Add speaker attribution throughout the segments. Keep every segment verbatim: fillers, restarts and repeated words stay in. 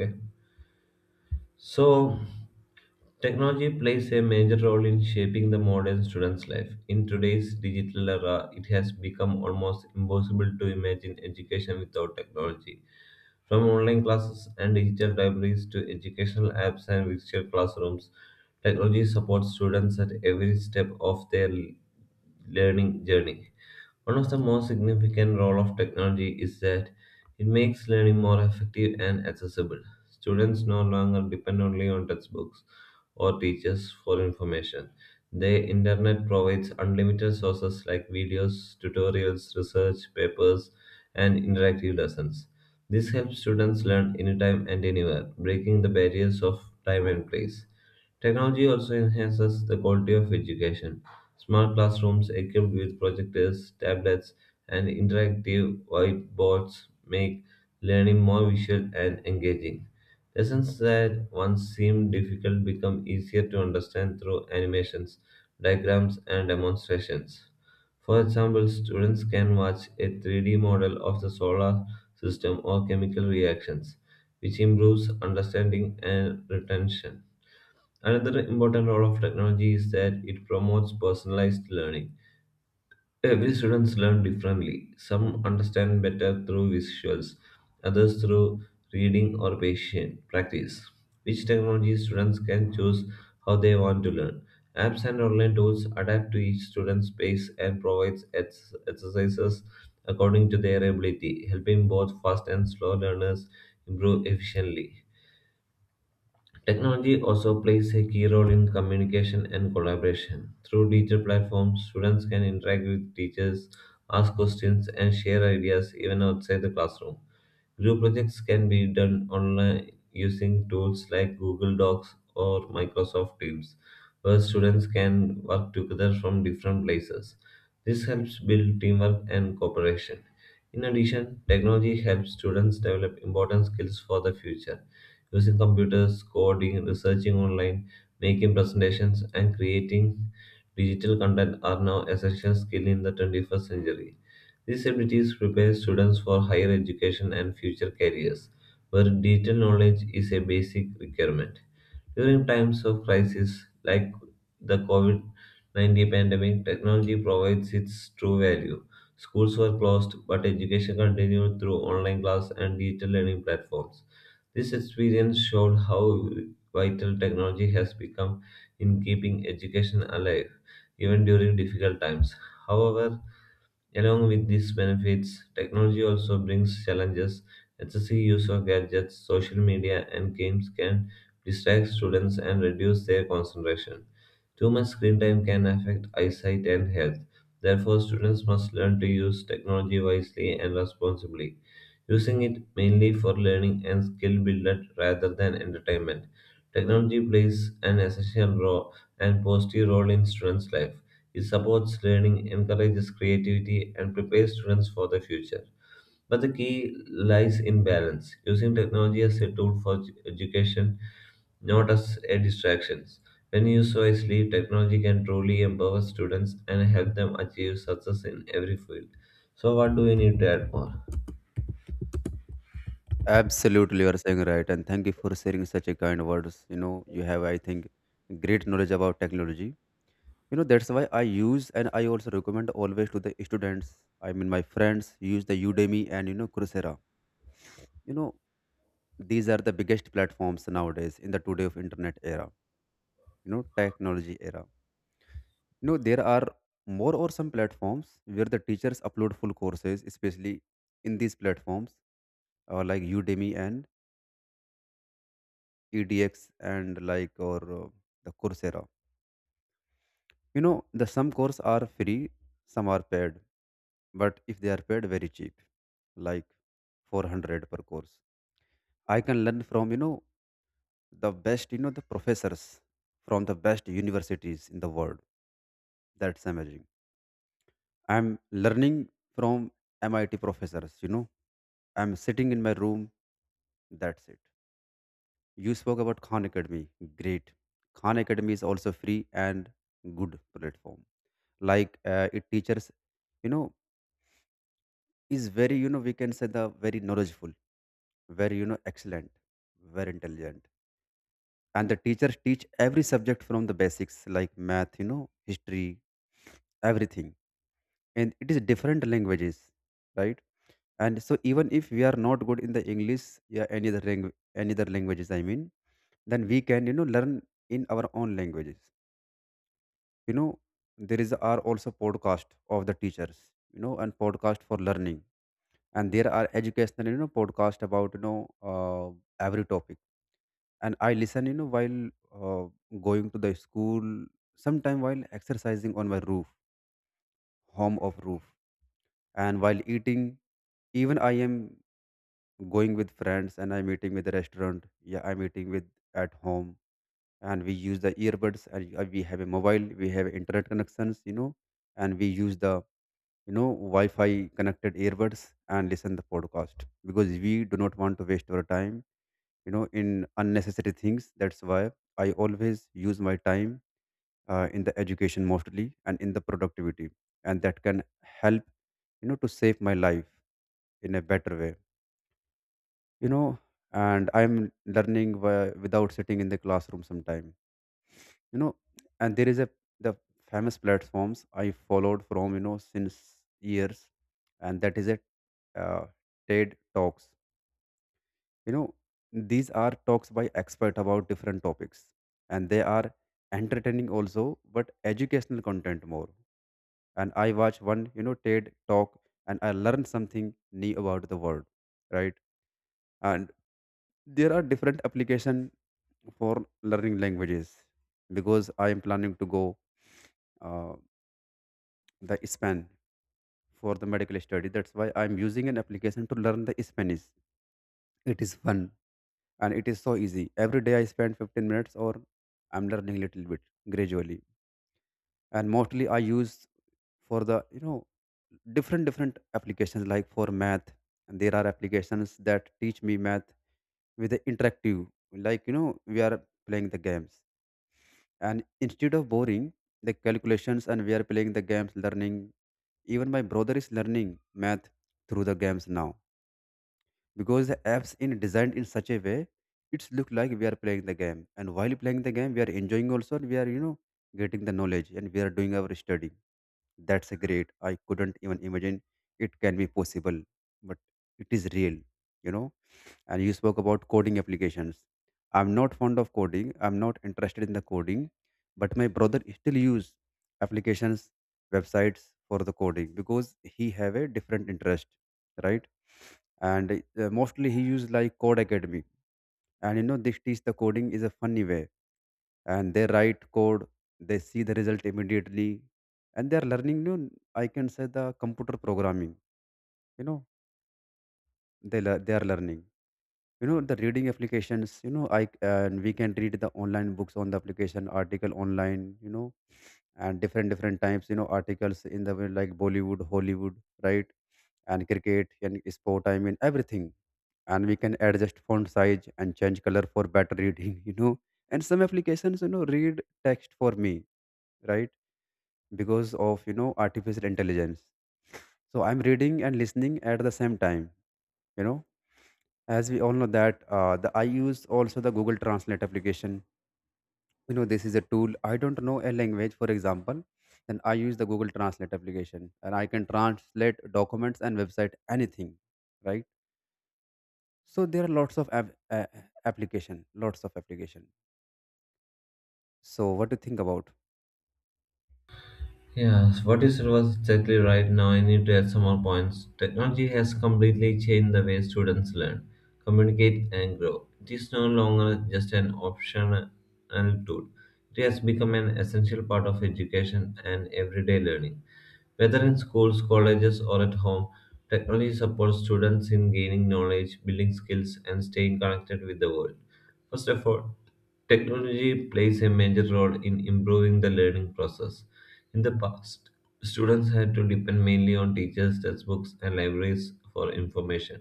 Speaker 1: Okay. So, technology plays a major role in shaping the modern student's life. In today's digital era, it has become almost impossible to imagine education without technology. From online classes and digital libraries to educational apps and virtual classrooms, technology supports students at every step of their learning journey. One of the most significant role of technology is that it makes learning more effective and accessible. Students no longer depend only on textbooks or teachers for information. The internet provides unlimited sources like videos, tutorials, research papers, and interactive lessons. This helps students learn anytime and anywhere, breaking the barriers of time and place. Technology also enhances the quality of education. Smart classrooms equipped with projectors, tablets, and interactive whiteboards make learning more visual and engaging. Lessons that once seemed difficult become easier to understand through animations, diagrams, and demonstrations. For example, students can watch a three D model of the solar system or chemical reactions, which improves understanding and retention. Another important role of technology is that it promotes personalized learning. Every students learn differently. Some understand better through visuals, others through reading or patient practice. Which technology students can choose how they want to learn. Apps and online tools adapt to each student's pace and provides ex- exercises according to their ability, helping both fast and slow learners improve efficiently. Technology also plays a key role in communication and collaboration. Through digital platforms, students can interact with teachers, ask questions, and share ideas even outside the classroom. Group projects can be done online using tools like Google Docs or Microsoft Teams, where students can work together from different places. This helps build teamwork and cooperation. In addition, technology helps students develop important skills for the future, using computers, coding, researching online, making presentations, and creating digital content are now essential skills in the twenty-first century. These abilities prepare students for higher education and future careers, where digital knowledge is a basic requirement. During times of crisis like the COVID nineteen pandemic, technology provides its true value. Schools were closed, but education continued through online class and digital learning platforms. This experience showed how vital technology has become in keeping education alive, even during difficult times. However, along with these benefits, technology also brings challenges. Excessive use of gadgets, social media, and games can distract students and reduce their concentration. Too much screen time can affect eyesight and health. Therefore, students must learn to use technology wisely and responsibly, using it mainly for learning and skill building rather than entertainment. Technology plays an essential role and positive role in students' life, it supports learning, encourages creativity, and prepares students for the future. But the key lies in balance, using technology as a tool for edu- education, not as a distraction. When used wisely, technology can truly empower students and help them achieve success in every field. So, what do we need to add more?
Speaker 2: Absolutely, you are saying right, and thank you for sharing such a kind words. You know, you have, I think, great knowledge about technology. You know, that's why I use and I also recommend always to the students. I mean, my friends use the Udemy and you know Coursera. You know, these are the biggest platforms nowadays in the today of internet era. You know, technology era. You know, there are more or some platforms where the teachers upload full courses, especially in these platforms uh, like Udemy and edx and like or uh, the coursera, you know, the some courses are free, some are paid, but if they are paid very cheap, like four hundred per course. I can learn from, you know, the best, you know, the professors from the best universities in the world. That's amazing. I'm learning from MIT professors, you know. I'm sitting in my room. That's it. You spoke about Khan Academy. Great. Khan Academy is also free and good platform. Like uh, it teaches, you know, is very, you know, we can say the very knowledgeful, very, you know, excellent, very intelligent. And the teachers teach every subject from the basics, like math, you know, history, everything. And it is different languages, right? And so even if we are not good in the english, yeah, any other language, any other languages, I mean, then we can, you know, learn in our own languages, you know. There is are also podcast of the teachers, you know, and podcast for learning. And there are educational, you know, podcast about, you know, uh, every topic. And I listen, you know, while uh, going to the school, sometime while exercising on my roof, home of roof, and while eating. Even I am going with friends and I'm eating with the restaurant, yeah, I'm eating with at home. And we use the earbuds and uh, we have a mobile, we have internet connections, you know. And we use the, you know, wi-fi connected earbuds and listen the podcast because we do not want to waste our time, you know, in unnecessary things. That's why I always use my time uh, in the education mostly and in the productivity. And that can help, you know, to save my life in a better way, you know. And I'm learning wi- without sitting in the classroom sometime, you know. And there is a the famous platforms I followed from, you know, since years. And that is a uh, TED talks, you know. These are talks by expert about different topics. And they are entertaining also, but educational content more. And I watch one, you know, TED talk, and I learn something new about the world, right? And there are different application for learning languages, because I am planning to go uh, the span for the medical study. That's why I'm using an application to learn the Spanish. It is fun and it is so easy. Every day I spend fifteen minutes or I'm learning little bit gradually. And mostly I use for the, you know, different different applications like for math. And there are applications that teach me math with the interactive, like, you know, we are playing the games. And instead of boring the calculations, and we are playing the games, learning. Even my brother is learning math through the games now, because the apps in designed in such a way, it's look like we are playing the game. And while playing the game, we are enjoying also, and we are, you know, getting the knowledge, and we are doing our study. That's a great. I couldn't even imagine it can be possible, but it is real, you know. And you spoke about coding applications. I'm not fond of coding, I'm not interested in the coding. But my brother still use applications, websites for the coding, because he have a different interest, right? And uh, mostly he used like code academy. And you know this teach the coding is a funny way. And they write code, they see the result immediately, and they are learning new. I can say the computer programming, you know. They lear- they are learning, you know, the reading applications, you know, I and we can read the online books on the application, article online, you know. And different different types, you know, articles in the way like bollywood, hollywood, right? And cricket and sport, I mean everything. And we can adjust font size and change color for better reading you know. And some applications, you know, read text for me, right? Because of, you know, artificial intelligence. So I'm reading and listening at the same time, you know. As we all know that, uh, the I use also the Google Translate application, you know. This is a tool. I don't know a language, for example, then I use the Google Translate application, and I can translate documents and website, anything, right? So there are lots of app, uh, application, lots of application. So what do you think about?
Speaker 1: Yes, what you said was exactly right. Now I need to add some more points. Technology has completely changed the way students learn, communicate, and grow. It is no longer just an optional tool, it has become an essential part of education and everyday learning. Whether in schools, colleges, or at home, technology supports students in gaining knowledge, building skills, and staying connected with the world. First of all, technology plays a major role in improving the learning process. In the past, students had to depend mainly on teachers, textbooks, and libraries for information.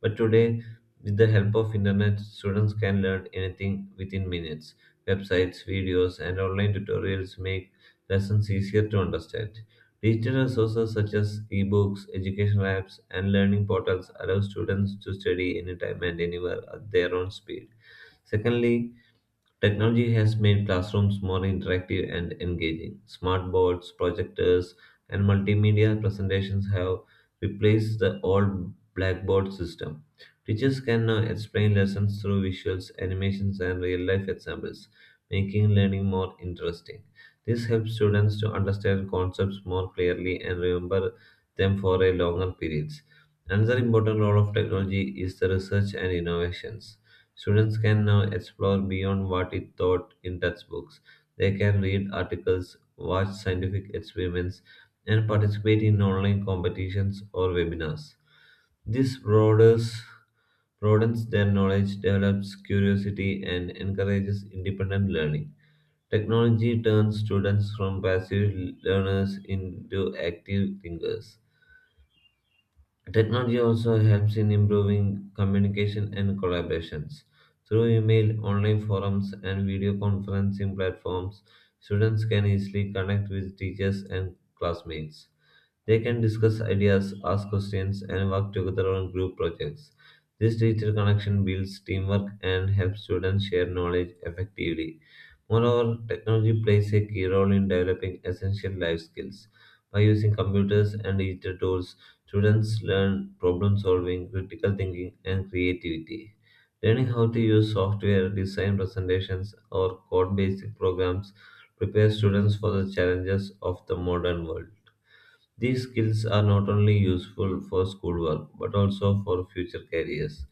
Speaker 1: But today, with the help of internet, students can learn anything within minutes. Websites, videos, and online tutorials make lessons easier to understand. Digital resources such as ebooks, educational apps, and learning portals allow students to study anytime and anywhere at their own speed. Secondly, technology has made classrooms more interactive and engaging. Smartboards, projectors, and multimedia presentations have replaced the old blackboard system. Teachers can now explain lessons through visuals, animations, and real life examples, making learning more interesting. This helps students to understand concepts more clearly and remember them for a longer periods. Another important role of technology is the research and innovations. Students can now explore beyond what is taught in textbooks. They can read articles, watch scientific experiments, and participate in online competitions or webinars. This broadens, broadens their knowledge, develops curiosity, and encourages independent learning. Technology turns students from passive learners into active thinkers. Technology also helps in improving communication and collaborations. Through email, online forums, and video conferencing platforms, students can easily connect with teachers and classmates. They can discuss ideas, ask questions, and work together on group projects. This digital connection builds teamwork and helps students share knowledge effectively. Moreover, technology plays a key role in developing essential life skills. By using computers and digital tools, students learn problem solving, critical thinking, and creativity. Learning how to use software, design presentations, or code basic programs prepares students for the challenges of the modern world. These skills are not only useful for schoolwork but also for future careers.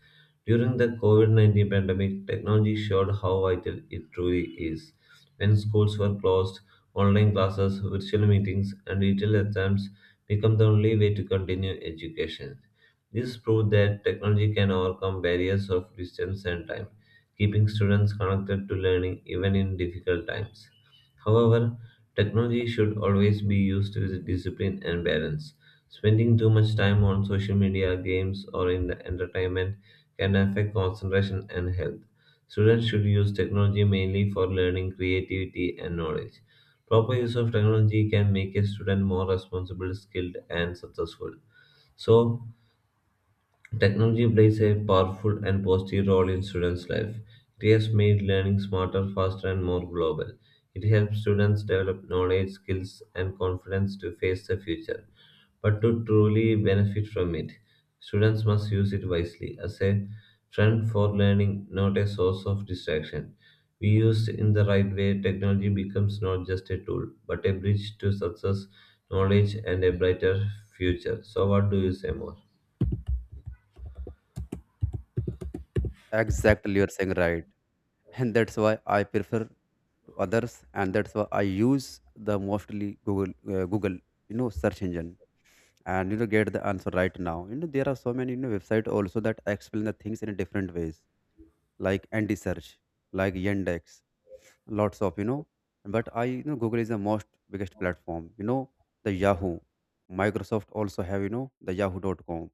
Speaker 1: During the COVID nineteen pandemic, technology showed how vital it truly is. When schools were closed, online classes, virtual meetings, and digital exams became the only way to continue education. This proved that technology can overcome barriers of distance and time, keeping students connected to learning even in difficult times. However, technology should always be used with discipline and balance. Spending too much time on social media, games, or in the entertainment can affect concentration and health. Students should use technology mainly for learning, creativity, and knowledge. Proper use of technology can make a student more responsible, skilled, and successful. So, technology plays a powerful and positive role in students' life. It has made learning smarter, faster, and more global. It helps students develop knowledge, skills, and confidence to face the future. But to truly benefit from it, students must use it wisely as a friend for learning, not a source of distraction. We used in the right way, technology becomes not just a tool, but a bridge to success, knowledge, and a brighter future. So, what do you say more?
Speaker 2: Exactly, you're saying right. And that's why I prefer to others. And that's why I use the mostly google, uh, google, you know, search engine. And you know, get the answer right now. You know there are so many, you know, website also that explain the things in a different ways, like anti search, like yandex, lots of, you know. But I, you know, Google is the most biggest platform, you know. The yahoo, microsoft also have, you know, the Yahoo dot com,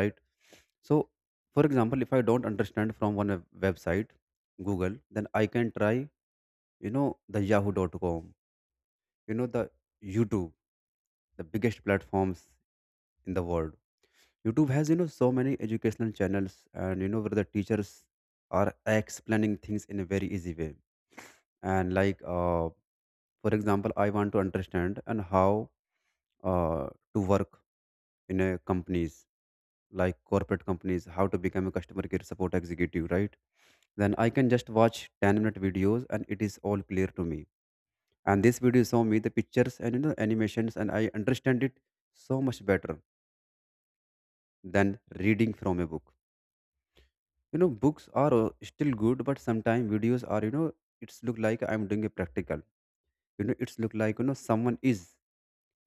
Speaker 2: right? So for example, if I don't understand from one web- website, google, then I can try, you know, the yahoo dot com, you know, the youtube, the biggest platforms in the world. Youtube has, you know, so many educational channels. And you know where the teachers are explaining things in a very easy way. And like uh, for example, I want to understand and how uh, to work in a companies, like corporate companies, how to become a customer care support executive, right? Then I can just watch ten minute videos, and it is all clear to me. And this video show me the pictures and, you know, animations, and I understand it so much better than reading from a book, you know. Books are uh, still good, but sometimes videos are, you know, it's look like I'm doing a practical, you know. It's look like, you know, someone is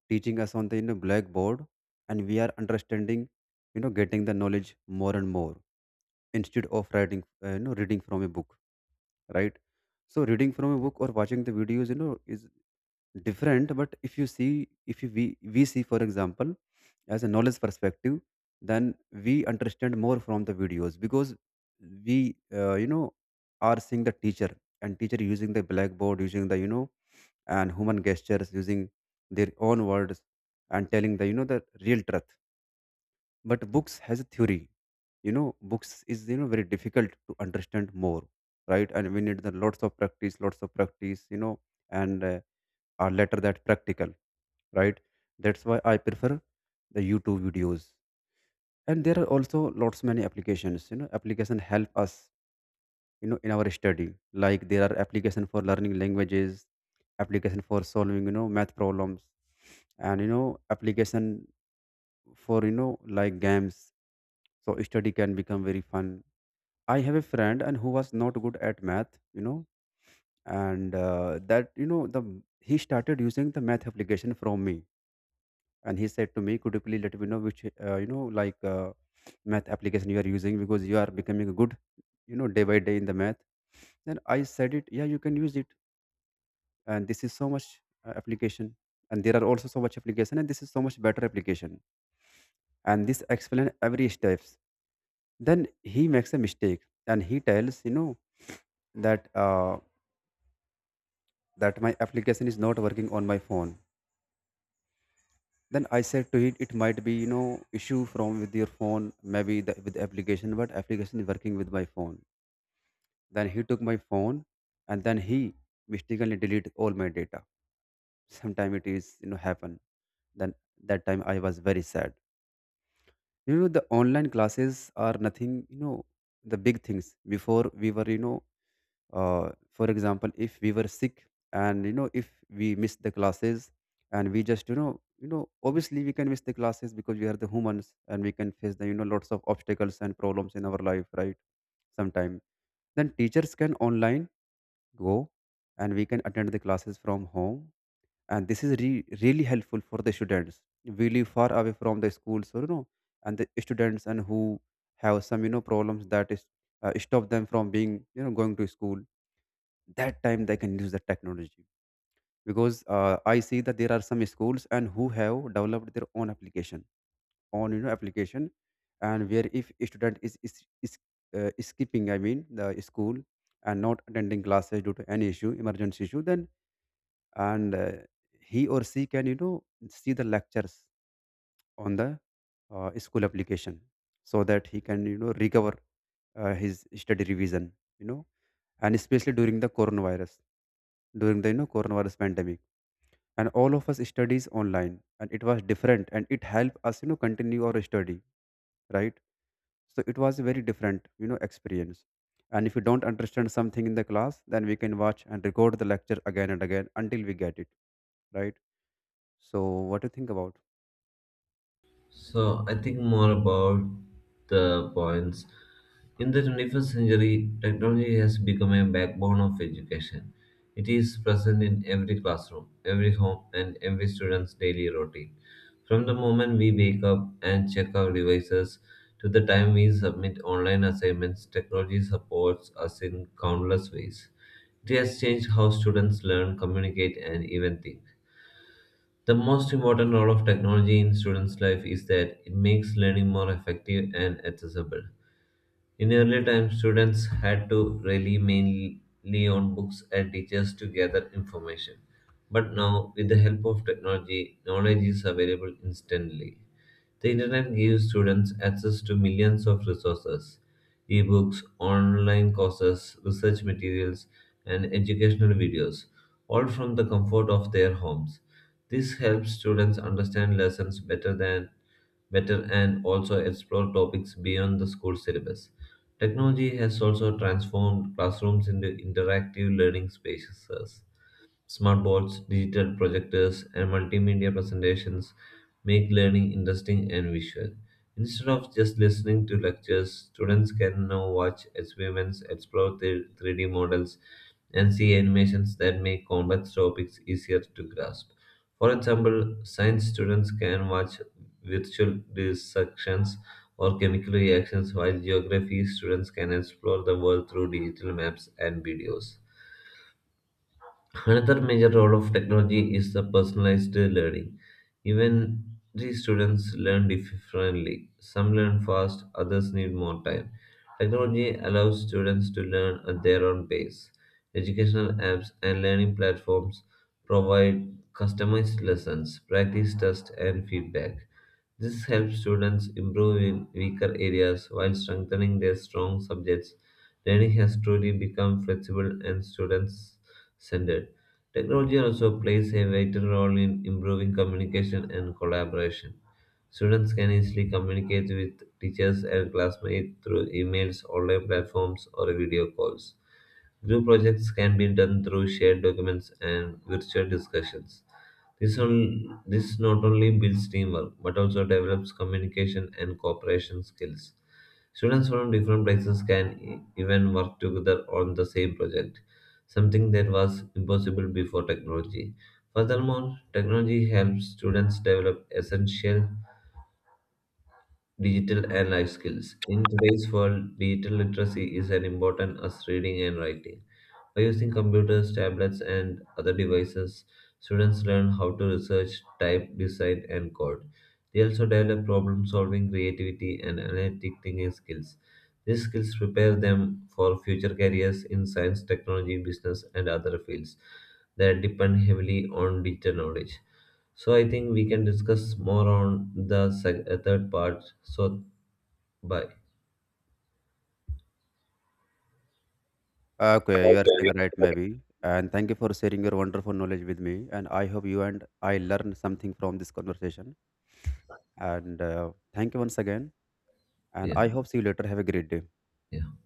Speaker 2: teaching us on the, you know, blackboard. And we are understanding, you know, getting the knowledge more and more, instead of writing, uh, you know, reading from a book, right? So reading from a book or watching the videos, you know, is different. But if you see, if you, we we see, for example, as a knowledge perspective, then we understand more from the videos, because we, uh, you know, are seeing the teacher. And teacher using the blackboard, using the, you know, and human gestures, using their own words, and telling the, you know, the real truth. But books has a theory, you know. Books is, you know, very difficult to understand more, right? And we need the lots of practice, lots of practice, you know. And uh, are later that practical, right? That's why I prefer the youtube videos. And there are also lots many applications, you know, application help us, you know, in our study. Like there are application for learning languages, application for solving, you know, math problems. And you know application for, you know, like games. So study can become very fun. I have a friend and who was not good at math, you know. And uh, that, you know, the he started using the math application from me. And he said to me, could you please let me know which, uh, you know, like uh, math application you are using, because you are becoming a good, you know, day by day in the math. Then I said it, yeah, you can use it. And this is so much uh, application. And there are also so much application, and this is so much better application. And this explain every steps. Then he makes a mistake, and he tells, you know, that uh, that my application is not working on my phone. Then I said to it, it might be, you know, issue from with your phone, maybe the, with the application, but application is working with my phone. Then he took my phone, and then he mistakenly deleted all my data. Sometime it is, you know, happen. Then that time I was very sad. You know the online classes are nothing. You know the big things. Before we were, you know, uh, for example, if we were sick, and you know if we miss the classes, and we just you know, you know, obviously we can miss the classes because we are the humans, and we can face the, you know, lots of obstacles and problems in our life, right? Sometime, then teachers can online go, and we can attend the classes from home. And this is re- really helpful for the students we live far away from the schools, or you know, and the students and who have some, you know, problems that is uh, stop them from being, you know, going to school. That time they can use the technology. Because uh, I see that there are some schools and who have developed their own application on, you know, application. And where if a student is is, is uh, skipping, I mean the school, and not attending classes due to any issue, emergency issue, then and uh, he or she can, you know, see the lectures on the uh, school application, so that he can, you know, recover uh, his study revision, you know. And especially during the coronavirus, during the, you know, coronavirus pandemic. And all of us studies online, and it was different, and it helped us, you know, continue our study, right? So it was a very different, you know, experience. And if you don't understand something in the class, then we can watch and record the lecture again and again until we get it, right? So what do you think about?
Speaker 1: So I think more about the points. In the twenty-first century, technology has become a backbone of education. It is present in every classroom, every home, and every student's daily routine. From the moment we wake up and check our devices to the time we submit online assignments, technology supports us in countless ways. It has changed how students learn, communicate, and even think. The most important role of technology in students' life is that it makes learning more effective and accessible. In earlier times, students had to rely mainly on books and teachers to gather information. But now, with the help of technology, knowledge is available instantly. The internet gives students access to millions of resources, ebooks, online courses, research materials, and educational videos, all from the comfort of their homes. This helps students understand lessons better than better and also explore topics beyond the school syllabus. Technology has also transformed classrooms into interactive learning spaces. Smart boards, digital projectors, and multimedia presentations make learning interesting and visual. Instead of just listening to lectures, students can now watch experiments, explore the three D models, and see animations that make complex topics easier to grasp. For example, science students can watch virtual dissections or chemical reactions, while geography students can explore the world through digital maps and videos. Another major role of technology is the personalized learning. Even the students learn differently. Some learn fast, others need more time. Technology allows students to learn at their own pace. Educational apps and learning platforms provide customized lessons, practice tests, and feedback. This helps students improve in weaker areas while strengthening their strong subjects. Learning has truly become flexible and student centered. Technology also plays a vital role in improving communication and collaboration. Students can easily communicate with teachers and classmates through emails, online platforms, or video calls. Group projects can be done through shared documents and virtual discussions. This, on, this not only builds teamwork but also develops communication and cooperation skills. Students from different places can e- even work together on the same project, something that was impossible before technology. Furthermore, technology helps students develop essential digital and life skills. In today's world, digital literacy is as important as reading and writing. By using computers, tablets, and other devices, students learn how to research, type, decide, and code. They also develop problem solving, creativity, and analytic thinking skills. These skills prepare them for future careers in science, technology, business, and other fields that depend heavily on digital knowledge. So I think we can discuss more on the sec- uh, third part. So bye.
Speaker 2: Okay, you are
Speaker 1: Okay.
Speaker 2: saying right, maybe. And thank you for sharing your wonderful knowledge with me. And I hope you and I learned something from this conversation. And uh, thank you once again. And
Speaker 1: Yeah.
Speaker 2: I hope see you later. Have a great day.
Speaker 1: Yeah.